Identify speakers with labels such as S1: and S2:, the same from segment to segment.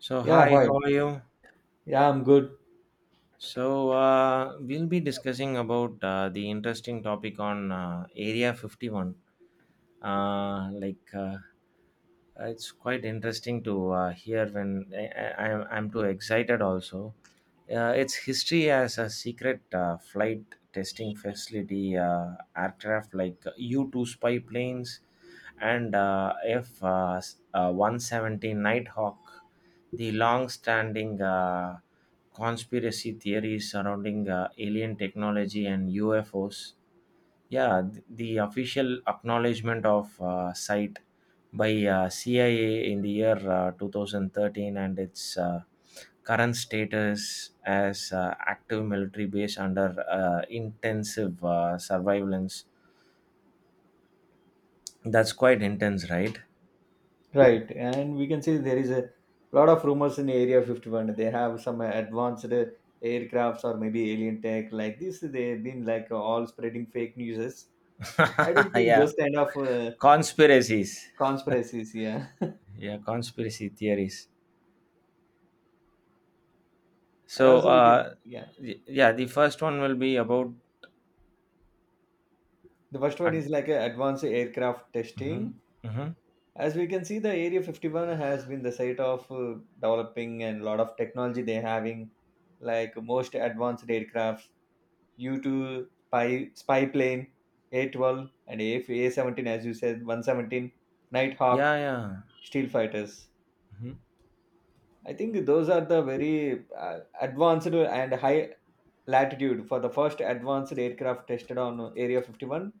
S1: So
S2: Yeah,
S1: hi,
S2: hi.
S1: how are you?
S2: Yeah, I'm good.
S1: So we'll be discussing about the interesting topic on Area 51. Uh, like uh, it's quite interesting to hear when I'm too excited also. Its history as a secret flight testing facility, aircraft like U 2 spy planes and F 170 Nighthawk, the long standing conspiracy theories surrounding alien technology and UFOs. Yeah, the official acknowledgement of site by CIA in the year 2013, and its current status as active military base under intensive surveillance. That's quite intense, right?
S2: Right. And we can see there is a lot of rumors in Area 51. They have some advanced aircrafts or maybe alien tech like this. They've been like all spreading fake news. I don't think
S1: Yeah,
S2: those kind of
S1: conspiracies.
S2: conspiracies. Yeah. And
S1: Yeah, conspiracy theories. So,
S2: also, we can,
S1: uh,
S2: yeah.
S1: yeah, the first one will be about.
S2: The first
S1: Uh,
S2: one is like advanced aircraft
S1: mhm,
S2: testing.
S1: mhm.
S2: As we can see, the Area 51 has been the site of developing and lot of technology they're having, like most advanced aircrafts due to spy plane A12 and A17 as you said 117
S1: Yeah,
S2: Nighthawk
S1: yeah.
S2: steel fighters.
S1: Mhm.
S2: I think those are the very advanced and high latitude for the first advanced aircraft tested on Area 51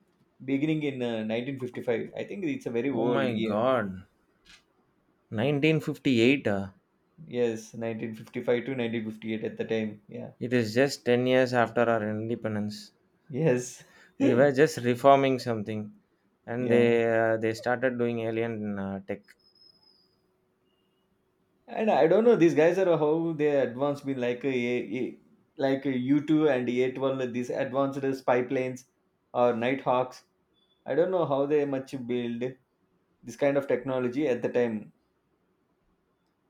S2: beginning in 1955. I think it's a very
S1: Oh
S2: old
S1: my
S2: year.
S1: god. 1958,
S2: Yes, 1955 to 1958 at the time. Yeah.
S1: it is just 10 years after our independence.
S2: Yes.
S1: We were just reforming something, and they
S2: yeah.
S1: uh, they started doing alien tech.
S2: And I don't know, these guys are how they advanced with like a U2 and A12, these advanced spy planes or Nighthawks. I don't know how they much build this kind of technology at the time.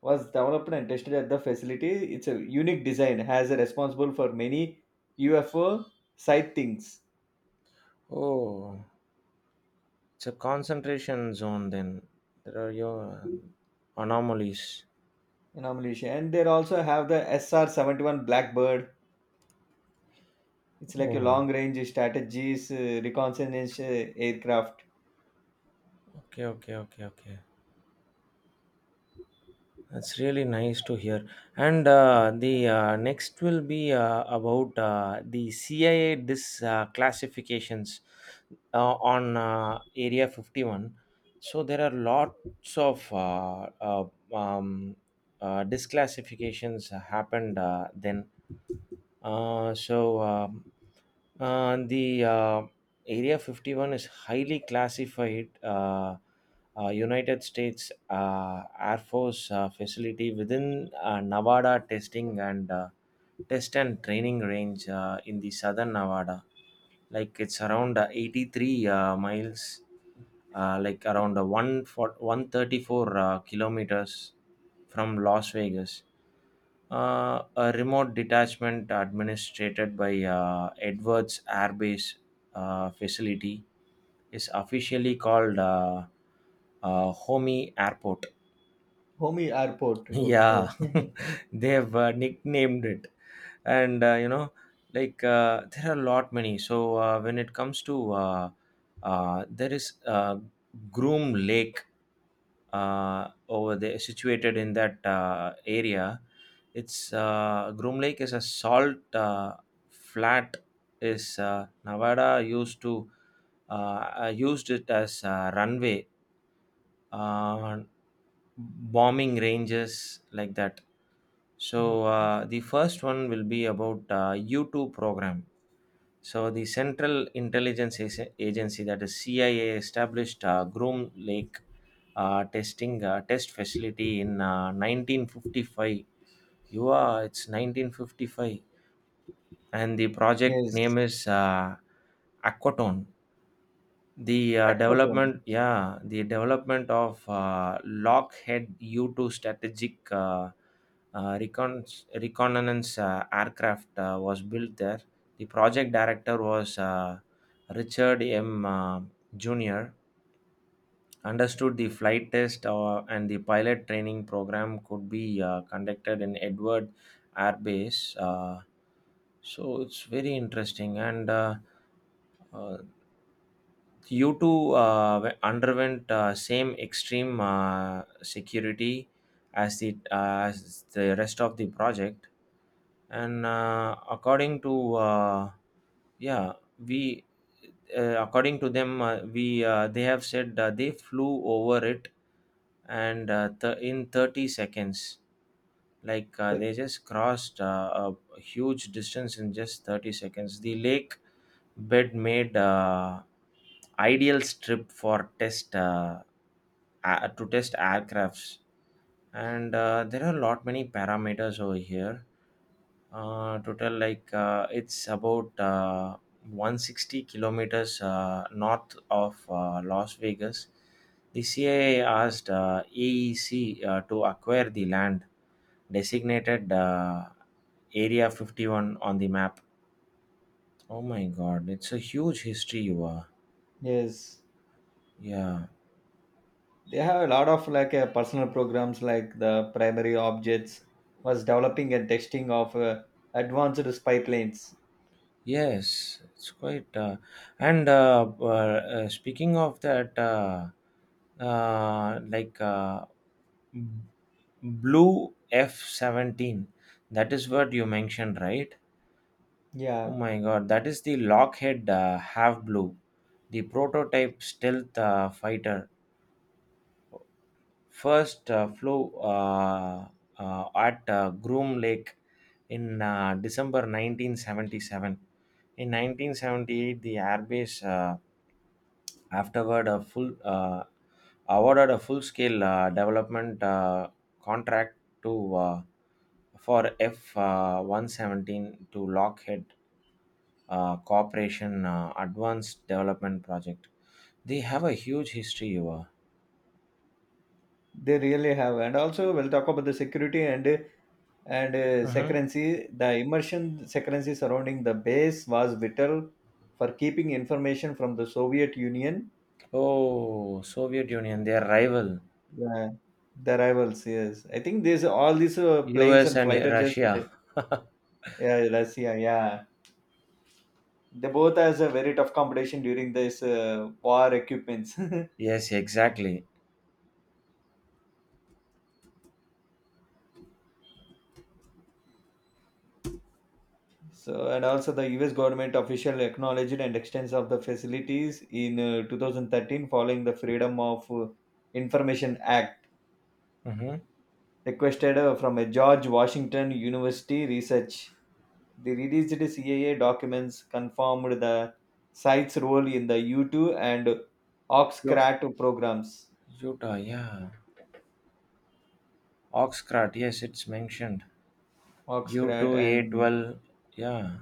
S2: Was developed and tested at the facility. It's a unique design, has a responsible for many UFO sightings
S1: Oh, it's a concentration zone then. There are your anomalies.
S2: in Malaysia. And they also have the SR-71 Blackbird. It's like a
S1: Oh,
S2: long-range strategies reconnaissance aircraft.
S1: okay, okay, okay, okay. That's really nice to hear. And the next will be about the CIA dis classifications on Area 51. So there are lots of um, disclassifications happened then. So the Area 51 is highly classified. United States Air Force facility within Nevada testing and test and training range in the southern Nevada. Like it's around 83 miles, like around 1 for 134 kilometers from Las Vegas. A remote detachment administrated by Edwards Air Base facility is officially called Homey Airport.
S2: Homie airport. Okay.
S1: Yeah, they've nicknamed it, and like there are a lot many. So when it comes to there is Groom Lake over there, situated in that area. It's Groom Lake is a salt flat. Is Nevada used it as a runway, uh, bombing ranges like that.
S2: No.
S1: So the first one will be about U2 program. So the Central Intelligence Agency, that is CIA, established Groom Lake test facility in 1955. You are, it's 1955, and the project name
S2: Yes,
S1: is Aquatone. The uh,
S2: Aquatone.
S1: development, yeah, the development of Lockheed U-2 strategic uh, recon- reconnaissance aircraft was built there. The project director was Richard M. Jr. Understood the flight test, and the pilot training program could be conducted in Edward Air Base. So it's very interesting. And uh, you two underwent same extreme security as the rest of the project, and according to yeah we according to them we they have said they flew over it and in 30 seconds, like
S2: Uh,
S1: they just crossed a huge distance in just 30 seconds. The lake bed made ideal strip to test aircrafts, and there are a lot many parameters over here. Total like It's about 160 kilometers north of Las Vegas. The CIA asked AEC to acquire the land, designated Area 51 on the map. Oh my god, it's a huge history. You are.
S2: Yes,
S1: Yeah.
S2: they have a lot of like personal programs like the primary objects was developing and testing of advanced spy planes.
S1: Yes, it's quite. And speaking of that, uh, like uh, b- Blue F-17, that is what you mentioned, right? Oh
S2: Yeah,
S1: my God, that is the Lockheed Have Blue, the prototype stealth fighter. First flew at Groom Lake in December 1977. In 1978, the airbase. Afterward, a full awarded a full-scale development contract to for F 117 to Lockheed Corporation Advanced Development Project. They have a huge history.
S2: they really have. And also, we'll talk about the security and
S1: Mhm.
S2: secrecy. The immersion secrecy surrounding the base was vital for keeping information from the Soviet Union.
S1: Oh, Soviet Union, their rival,
S2: Yeah, the rivals. Yes, I think these all these planes
S1: U.S.
S2: and
S1: and
S2: fighter jets.
S1: Russia.
S2: Yeah, Russia. Yeah, they both has a very tough competition during this war equipments.
S1: Yes, exactly.
S2: So and also the US government official acknowledged and extends of the facilities in 2013 following the freedom of information act
S1: Mm-hmm.
S2: requested from a George Washington university research, the released CIA documents confirmed the site's role in the U2 and
S1: U-
S2: oxcrat programs
S1: Utah, yeah. Oxcart, yes, it's mentioned.
S2: oxcrat
S1: U2,
S2: And
S1: A12, yeah.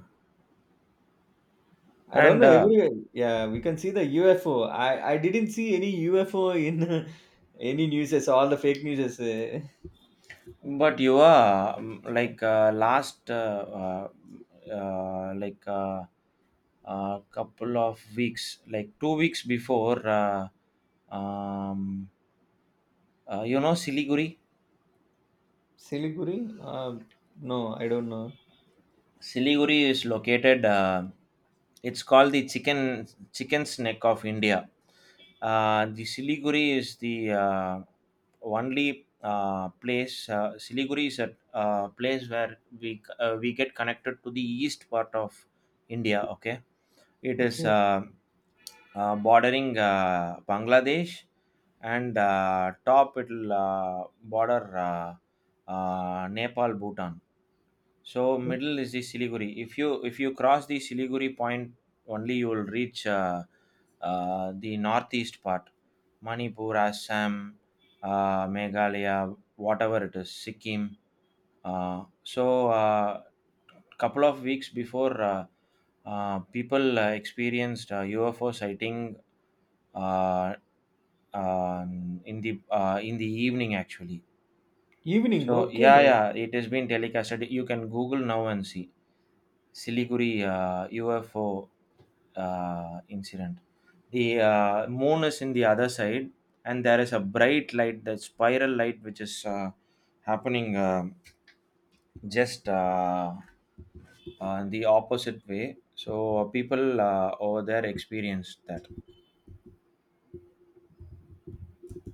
S2: I don't
S1: And
S2: know everywhere. Yeah, we can see the UFO. I didn't see any UFO in any news. All the fake news.
S1: but you are,
S2: Yeah,
S1: last uh, like uh, couple of weeks, like 2 weeks before, um, you know Siliguri.
S2: Siliguri. Um, no, I don't know.
S1: Siliguri is located. It's called the chicken's neck of India. The Siliguri is the only place. Siliguri is a place where we get connected to the east part of India. Okay, it is
S2: Okay,
S1: bordering Bangladesh, and top it'll border Nepal, Bhutan. So middle is the Siliguri. If you cross the Siliguri point, only you will reach the northeast part, Manipur, Assam, Meghalaya, whatever it is, Sikkim. So couple of weeks before, people experienced UFO sighting, uh, in the evening actually.
S2: evening.
S1: So yeah,
S2: Okay,
S1: yeah, it has been telecasted. You can Google now and see Siliguri UFO incident. The moon is in the other side, and there is a bright light, that spiral light, which is happening just the opposite way. So people over there experienced that.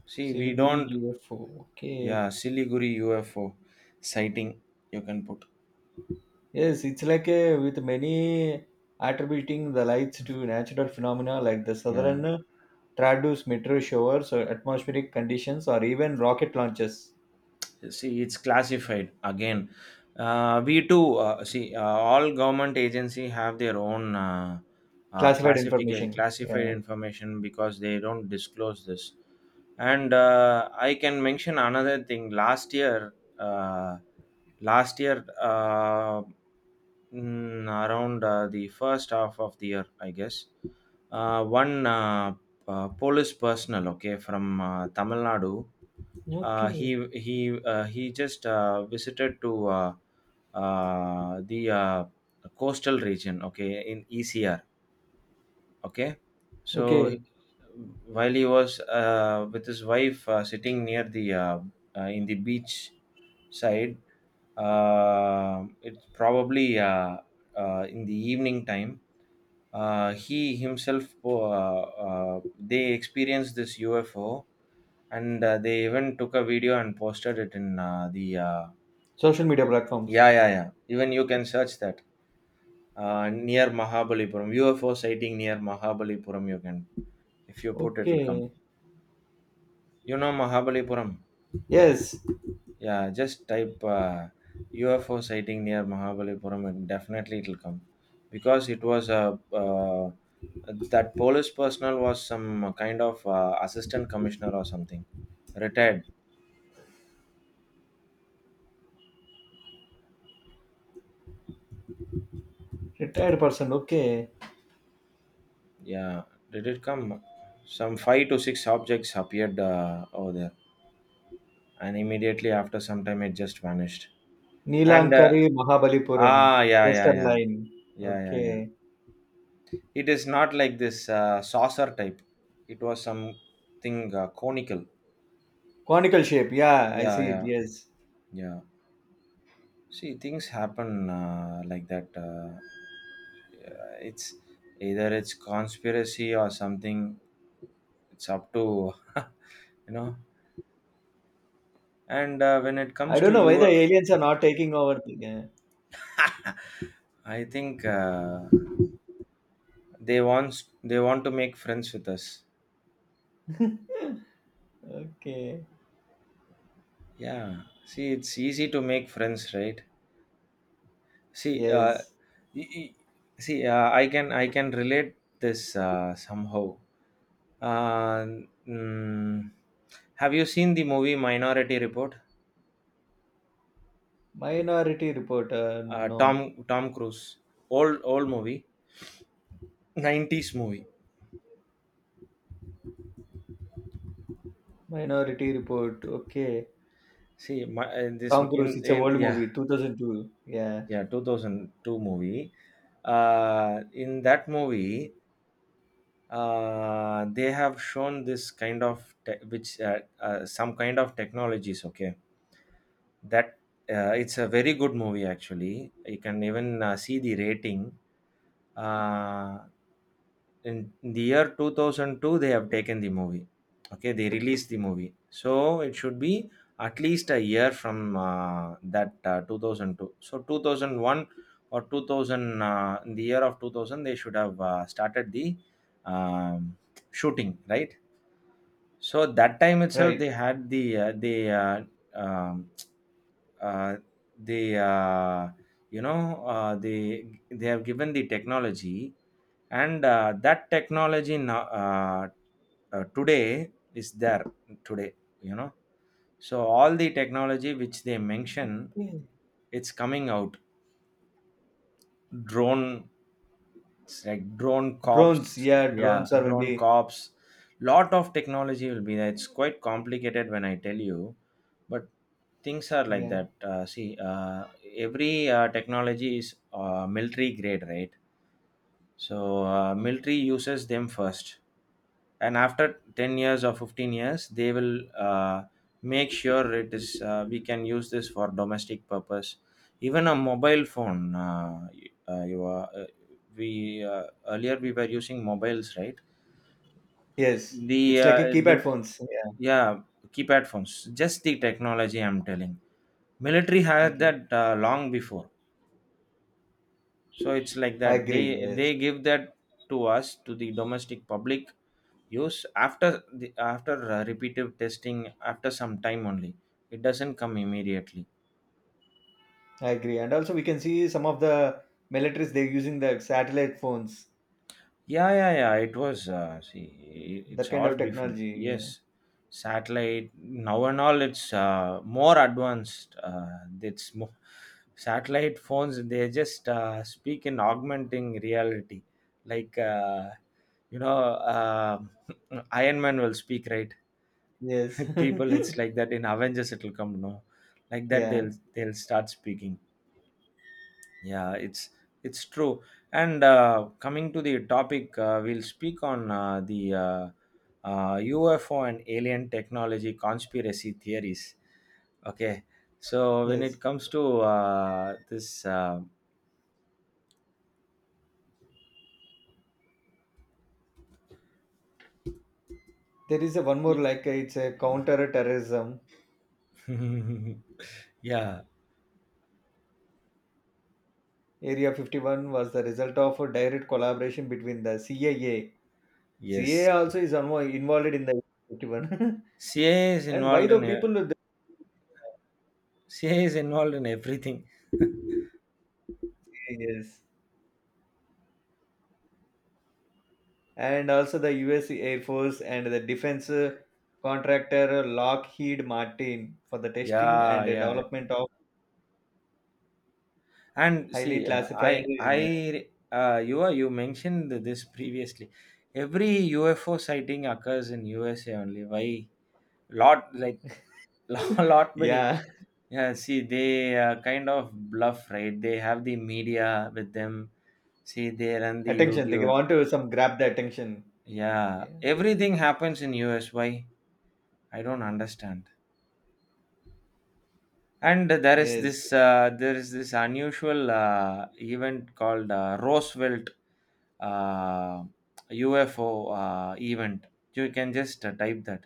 S1: See, we
S2: Siliguri
S1: don't.
S2: UFO. Okay,
S1: Yeah, Siliguri UFO sighting. You can put.
S2: yes, it's like a, with many attributing the lights to natural phenomena like the
S1: Yeah.
S2: southern Trados meteor showers or atmospheric conditions or even rocket launches.
S1: See, it's classified again. We too see all government agency have their own
S2: Classified
S1: classified
S2: information.
S1: classified
S2: Yeah.
S1: information because they don't disclose this. And I can mention another thing. Last year uh, last year uh, mm, around the first half of the year, I guess. One police personnel, okay, from Tamil Nadu. uh, he
S2: Okay.
S1: he uh, he just visited to the coastal region, okay, in ECR. Okay, so
S2: Okay.
S1: while he was with his wife sitting near the in the beach side, it's probably in the evening time. He himself they experienced this UFO, and they even took a video and posted it in the
S2: social media platforms.
S1: yeah, yeah, yeah. Even you can search that near Mahabalipuram UFO sighting, near Mahabalipuram. You can, if you put, it
S2: okay.
S1: will come. You know Mahabalipuram?
S2: Yes.
S1: Yeah, just type UFO sighting near Mahabalipuram, and definitely it'll come, because it was a that police personnel was some kind of assistant commissioner or something, retired.
S2: Retired person. Okay.
S1: Yeah, did it come? Some five to six objects appeared over there, and immediately after some time it just vanished. And
S2: 'Neelankarai Mahabalipuram',
S1: yeah, yeah,
S2: 'coastal
S1: yeah,
S2: line'.
S1: yeah, yeah,
S2: okay.
S1: yeah. It is not like this saucer type. It was something conical.
S2: 'Conical shape' yeah! I
S1: Yeah,
S2: see it.
S1: yeah.
S2: Yes.
S1: Yeah. See, things happen like that. Yeah, it's either it's conspiracy or something. It's up to you know. And when it
S2: I
S1: comes to
S2: don't know why the
S1: you,
S2: aliens are not taking over the గా
S1: I think they want to make friends with us.
S2: Okay.
S1: Yeah. See, it's easy to make friends, right? See, uh,
S2: yes.
S1: y- y- See, I can relate this somehow. Uh, mm, have you seen the movie Minority Report?
S2: 'Minority Report' ah, no.
S1: Tom Cruise, old movie, 90s movie.
S2: 'Minority Report' okay.
S1: See, my, this
S2: 'Tom Cruise' it's a
S1: in
S2: old
S1: Yeah,
S2: movie 2002 yeah!
S1: yeah, 2002 movie. In that movie, they have shown this kind of which some kind of technologies. Okay. That It's a very good movie actually. You can even see the rating. Uh, in the year 2002, they have taken the movie. Okay, they released the movie. So it should be at least a year from that 2002. So 2001 or 2000. In the year of 2000, they should have started the um, shooting, right? So that time itself,
S2: right.
S1: they had um, uh, the they have given the technology, and that technology now today is there today. You know, so all the technology which they mention,
S2: okay.
S1: it's coming out. Drone. It's like drone
S2: 'drones'
S1: cops.
S2: Yeah!
S1: Yeah,
S2: 'drones' are maybe
S1: drone
S2: yeah!
S1: cops. Lot of technology will be there. It's quite complicated when I tell you, but things are like that. See, every technology is military grade, right? So military uses them first, and after 10 years or 15 years, they will make sure it is we can use this for domestic purpose. Even a mobile phone, y- you are, we earlier we were using mobiles, right?
S2: Yes, it's like a
S1: The
S2: keypad phones. Yeah.
S1: Yeah, keypad phones, just the technology. I'm telling, military had
S2: Okay.
S1: that long before. So it's like
S2: I
S1: that,
S2: agree.
S1: they
S2: Yes,
S1: give that to us, to the domestic public use, after the after repeated testing, after some time only. It doesn't come immediately.
S2: I agree. And also, we can see some of the militaries they're using the satellite phones,
S1: Yeah, yeah, yeah, it was, see,
S2: that
S1: it's
S2: kind
S1: all
S2: of
S1: before.
S2: technology.
S1: Yes.
S2: Yeah.
S1: Satellite now and all, it's more advanced. It's more, satellite phones, they just speak in augmenting reality, like, you know uh, Iron Man will speak, right?
S2: Yes.
S1: People, it's like that. In Avengers, it'll come, no? Like that,
S2: yeah.
S1: they'll start speaking. Yeah, it's true. And coming to the topic, we'll speak on the uh, uh, UFO and alien technology conspiracy theories. Okay. So when
S2: Yes.
S1: it comes to this, uh,
S2: There is a one more like it's a counter-terrorism.
S1: y- yeah,
S2: Area 51 was the result of a direct collaboration between the CIA.
S1: yes.
S2: CIA also is involved in the 51.
S1: CIA is
S2: And why
S1: involved
S2: the
S1: in
S2: people?
S1: everything.
S2: Yes. And also the US Air Force and the defense contractor Lockheed Martin for the testing
S1: Yeah,
S2: and
S1: yeah.
S2: development of
S1: And
S2: highly
S1: see,
S2: classified. Yeah,
S1: you mentioned this previously. Every UFO sighting occurs in USA only. Why? Lot, like, lot many.
S2: yeah.
S1: Yeah, see, they kind of bluff, right? They have the media with them. See, they run the
S2: Attention. They
S1: YouTube.
S2: want to some grab the attention.
S1: Yeah,
S2: Yeah.
S1: everything happens in US. Why? I don't understand. And
S2: Yes.
S1: there is this unusual event called Roosevelt uh, UFO event. You can just type that.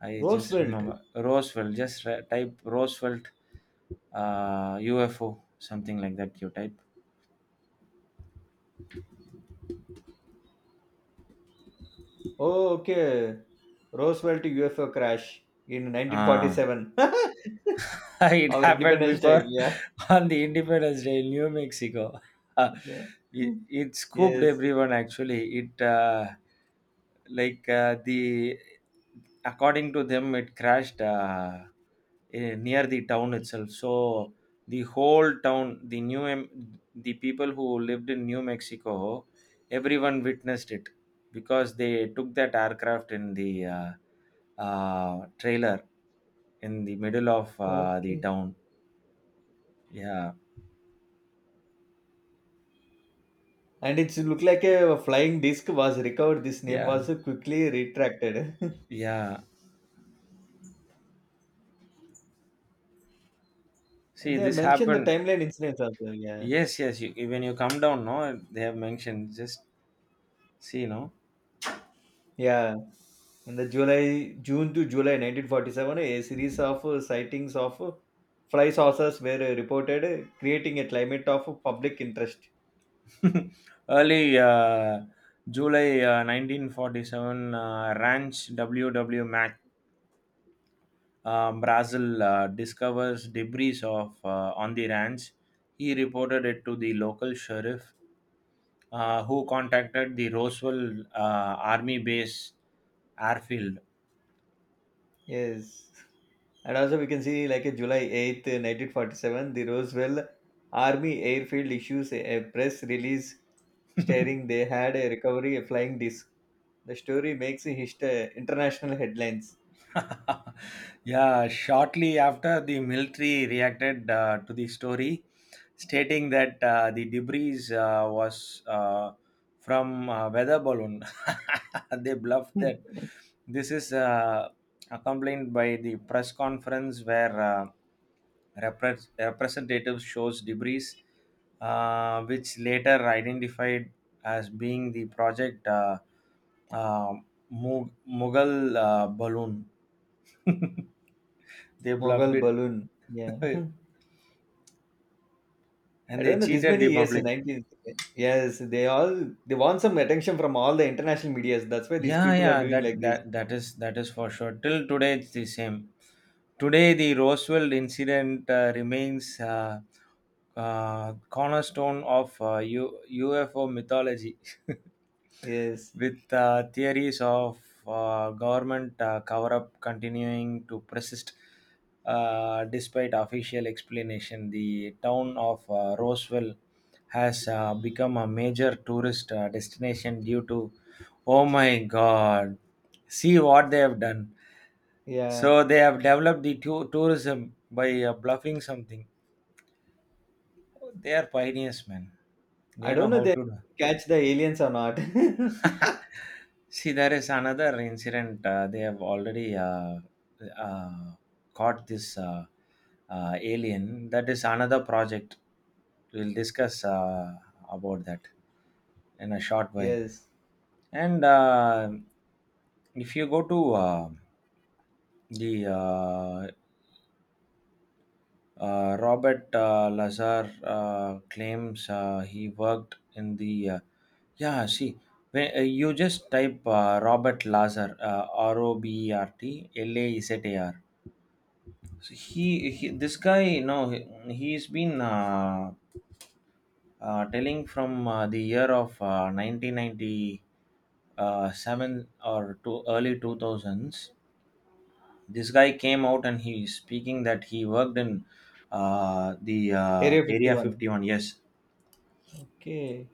S1: I just
S2: Roosevelt.
S1: remember Roosevelt. Just type Roosevelt, UFO, something like that. You type.
S2: Oh, okay. Roosevelt UFO crash in
S1: Ah,
S2: 1947.
S1: it
S2: Our
S1: happened
S2: Independence Day.
S1: before,
S2: Yeah.
S1: on the Independence Day, in New Mexico. Uh,
S2: Yeah.
S1: it scooped
S2: Yes.
S1: everyone, actually. It the According to them, it crashed, near the town itself. So the whole town, the people who lived in New Mexico, everyone witnessed it, because they took that aircraft in the trailer, in the middle of the
S2: Okay.
S1: town. Yeah,
S2: And it's looked like a flying disc was recovered. This name
S1: yeah,
S2: was quickly retracted.
S1: yeah. See,
S2: They
S1: this
S2: mentioned the
S1: happened.
S2: timeline incidents also. Yeah,
S1: Yes, yes. You, when you come down, no, they have mentioned. Just see, no.
S2: yeah. In the July, June to July 1947, a series of sightings of fly saucers were reported, creating a climate of public interest.
S1: Early July, 1947, Ranch W W Mac, Brazil discovers debris of, on the ranch. He reported it to the local sheriff, who contacted the Roswell Army Base, airfield.
S2: Yes. And also, we can see like a July 8th, 1947, the Roswell Army Airfield issues a press release stating they had a recovery a flying disc. The story makes a international headlines.
S1: Yeah, shortly after, the military reacted to the story, stating that the debris was from weather balloon. They bluffed
S2: Hmm.
S1: that. This is accompanied by the press conference, where representatives shows debris, which later identified as being the project uh, Mughal balloon. They bluffed
S2: Mughal
S1: it.
S2: balloon. Yeah.
S1: And
S2: I
S1: they
S2: don't know. This
S1: cheated
S2: many
S1: the
S2: years,
S1: public.
S2: 19. Yes, they want some attention from all the international medias. That's why these
S1: Yeah,
S2: people are
S1: yeah,
S2: doing
S1: that
S2: like this.
S1: that that is that is for sure. Till today it's the same. Today, the Roswell incident remains, cornerstone of UFO mythology.
S2: Yes.
S1: With theories of government cover up continuing to persist, despite official explanation. The town of Roswell has become a major tourist destination due to, oh my god, see what they have done.
S2: Yeah.
S1: So they have developed the tourism by bluffing something. They are pioneers, man.
S2: I
S1: They
S2: don't
S1: know
S2: know
S1: how
S2: they
S1: to
S2: catch the aliens or not.
S1: do. See, there is another incident. They have already uh, caught this alien. That is another project. We'll discuss about that in a short while.
S2: yes.
S1: And if you go to the Robert Lazar claims he worked in the, yeah. See, when, you just type Robert Lazar, Robert Lazar. So he, this guy, no, he, he's been telling from the year of 1997, or to early 2000s. This guy came out and he's speaking that he worked in the
S2: Area
S1: area
S2: 51.
S1: 51. Yes,
S2: Okay.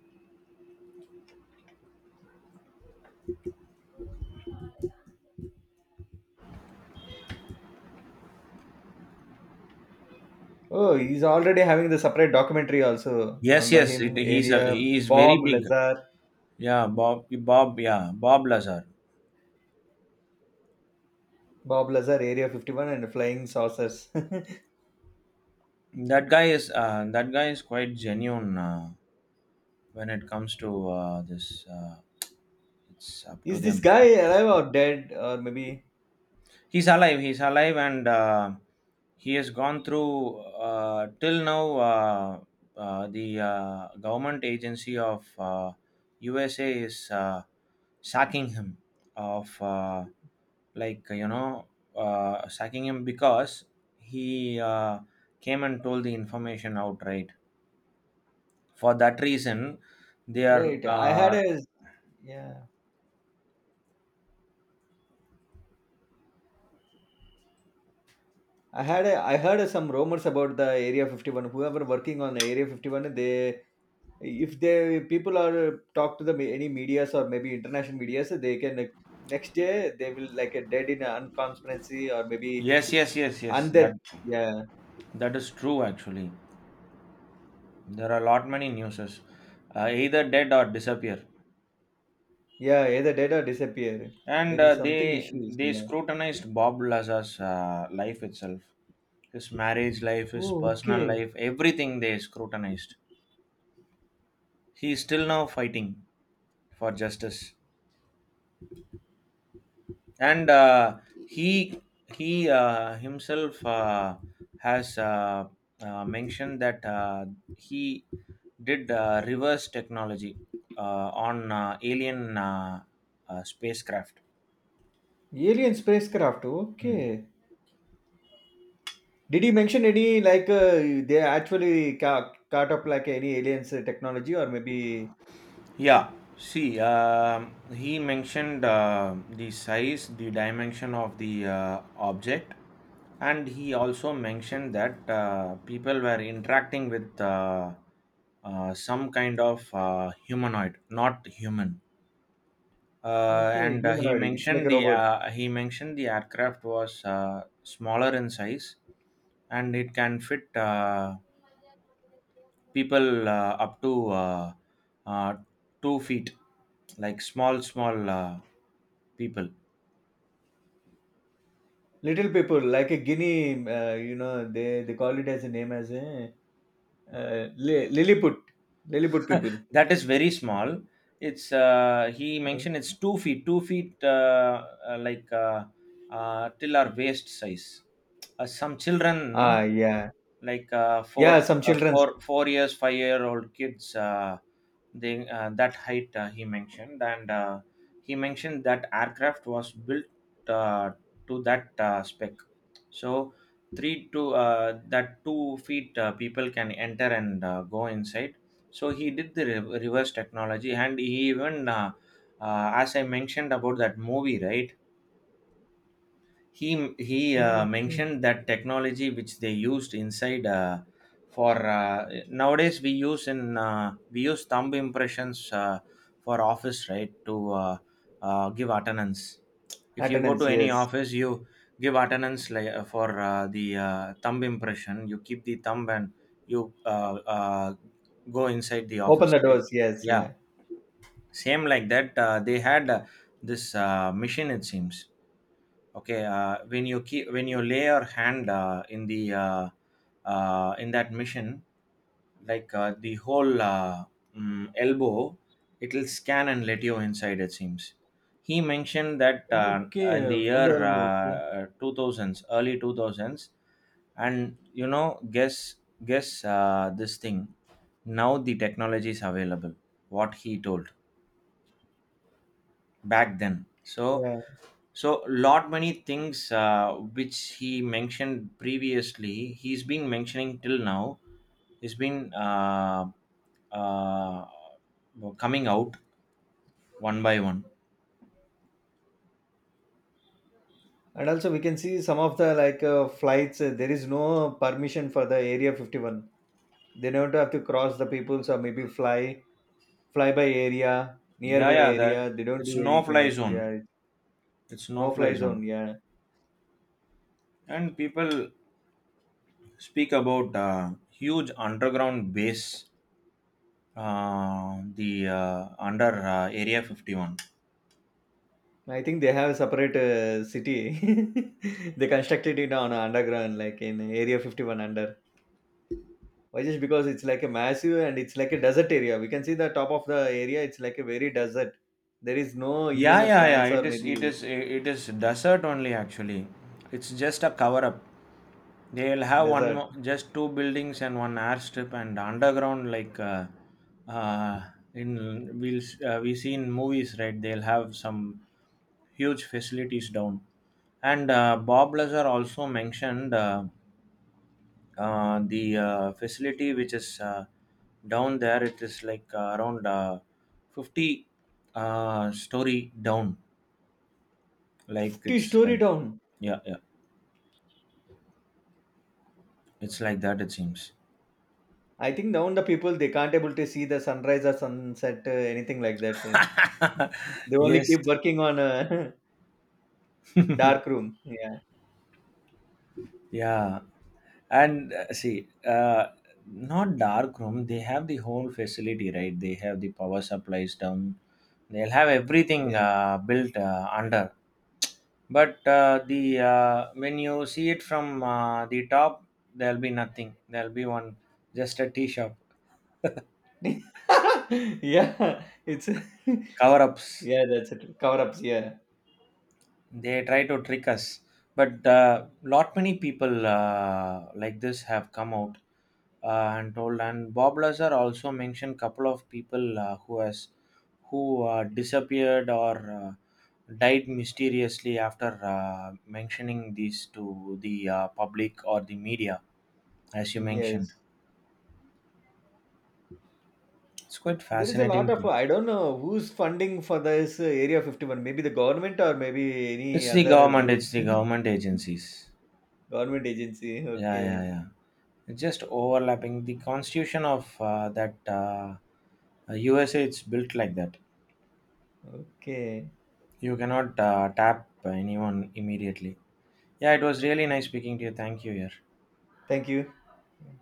S2: Oh, he's already having the separate documentary also
S1: yes,
S2: on by
S1: yes,
S2: him. Area
S1: he's very
S2: Bob
S1: big.
S2: Lazar.
S1: Yeah. Bob, yeah, Bob Lazar.
S2: Bob Lazar, Area 51 and Flying Saucers.
S1: That guy is quite genuine, when it comes to this. It's up to
S2: Is this
S1: them.
S2: guy alive or dead or maybe
S1: He's alive, he's alive. And he has gone through, till now, the government agency of USA is sacking him, of like, sacking him because he came and told the information outright. For that reason, they are
S2: right? I had a yeah. I had a I heard some rumors about the Area 51. Whoever working on Area 51, they if they people are talk to the any medias or maybe international medias, they can next day they will like a dead in an unconsparency or maybe
S1: yes, yes, yes, yes,
S2: undead.
S1: that,
S2: Yeah,
S1: that is true, actually. There are a lot many newses, either dead or disappear.
S2: yeah, either dead or disappear.
S1: And
S2: There is
S1: they
S2: something issues.
S1: they
S2: Yeah.
S1: scrutinized Bob Laza's life itself, his marriage life, his
S2: Oh,
S1: personal
S2: okay.
S1: life, everything they scrutinized. He is still now fighting for justice. And he he himself has mentioned that he did reverse technology on alien spacecraft.
S2: Alien spacecraft.
S1: Mm.
S2: Okay. Did he mention any like they actually caught up like any aliens technology or maybe
S1: Yeah, see, he mentioned the size, the dimension of the object, and he also mentioned that people were interacting with some kind of humanoid, not human. Uh,
S2: okay
S1: and uh,
S2: humanoid? It's like a robot.
S1: he mentioned the aircraft was smaller in size, and it can fit. People up to uh, 2 feet, like, small people.
S2: Little people like a guinea. You know they call it as a name as a Lilliput people.
S1: That is very small. It's He mentioned it's 2 feet, 2 feet, like, till our waist size. Some children, no,
S2: Ah, yeah,
S1: like
S2: yeah, some childrens.
S1: 4 years, 5 year old kids. They, that height he mentioned, and he mentioned that aircraft was built, uh, to that spec. So three to, that 2 feet people can enter and go inside. So he did the reverse technology, and he even, as I mentioned about that movie, right? he he
S2: Okay,
S1: mentioned that technology which they used inside. For Nowadays, we use thumb impressions, for office, right? To uh, give attendance. If you go
S2: attendance,
S1: to any
S2: yes.
S1: office, you give attendance, like, for the thumb impression, you keep the thumb, and you go inside the
S2: Open
S1: office,
S2: the
S1: right?
S2: doors, yes,
S1: Yeah,
S2: yeah.
S1: same like that, they had this machine, it seems. Okay, when you lay your hand in that machine, like, the whole, elbow, it will scan and let you inside, it seems. He mentioned that
S2: Okay,
S1: in the
S2: from the
S1: year,
S2: elbow. Okay,
S1: 2000s, early 2000s. And guess this thing, now the technology is available, what he told back then. so
S2: yeah.
S1: so, lot many things which he mentioned previously, he's been mentioning till now. He's been uh, coming out one by one.
S2: And also, we can see some of the like flights. There is no permission for the Area 51. They don't have to cross the peoples or maybe fly by area
S1: Yeah,
S2: nearby
S1: yeah,
S2: area,
S1: that,
S2: they don't
S1: it's
S2: do
S1: no
S2: any kind
S1: fly
S2: of,
S1: zone.
S2: yeah,
S1: It's no
S2: no
S1: fly
S2: fly
S1: zone,
S2: zone. Yeah,
S1: and people speak about huge underground base, the under, Area 51.
S2: I think they have a separate city. They constructed it on underground like in area 51 under. Why? Just because it's like a massive and it's like a desert area, we can see the top of the area, it's like a very desert. There is no even
S1: Yeah,
S2: a
S1: yeah, yeah.
S2: plants or maybe
S1: It is desert only. Actually, it's just a cover up. They'll have one
S2: desert.
S1: more, just two buildings and one airstrip and underground, like, uh, in we'll we see in movies, right? They'll have some huge facilities down. And Bob Lazar also mentioned the facility which is down there. It is like, around 50 story down. Like,
S2: 50
S1: it's
S2: story
S1: like,
S2: down.
S1: yeah, yeah, it's like that, it seems.
S2: I think now the people they can't able to see the sunrise or sunset, anything like that. They only
S1: Yes.
S2: keep working on a dark room. Yeah,
S1: Yeah, and see, not dark room. They have the whole facility, right? They have the power supplies down. They'll have everything
S2: yes.
S1: built under. But the, when you see it from the top, there'll be nothing. There'll be one, just a tea shop.
S2: yeah, it's
S1: Cover ups.
S2: yeah, that's it. Cover ups. Yeah,
S1: They try to trick us. But lot many people, like this, have come out, and told. And Bob Lazar also mentioned couple of people, who disappeared or died mysteriously after mentioning these to the public or the media, as you mentioned.
S2: yes.
S1: It's quite
S2: There is a lot
S1: fascinating,
S2: of
S1: too.
S2: I don't know who's funding for this area 51. Maybe the government or maybe any
S1: It's the
S2: other
S1: government.
S2: group,
S1: It's the government agencies.
S2: government agency.
S1: Yeah, yeah,
S2: Okay,
S1: yeah. It's just overlapping. The constitution of that USA, it's built like that.
S2: okay.
S1: You cannot tap anyone immediately. Yeah, it was really nice speaking to you. Thank you, yeah.
S2: Thank you. Yeah.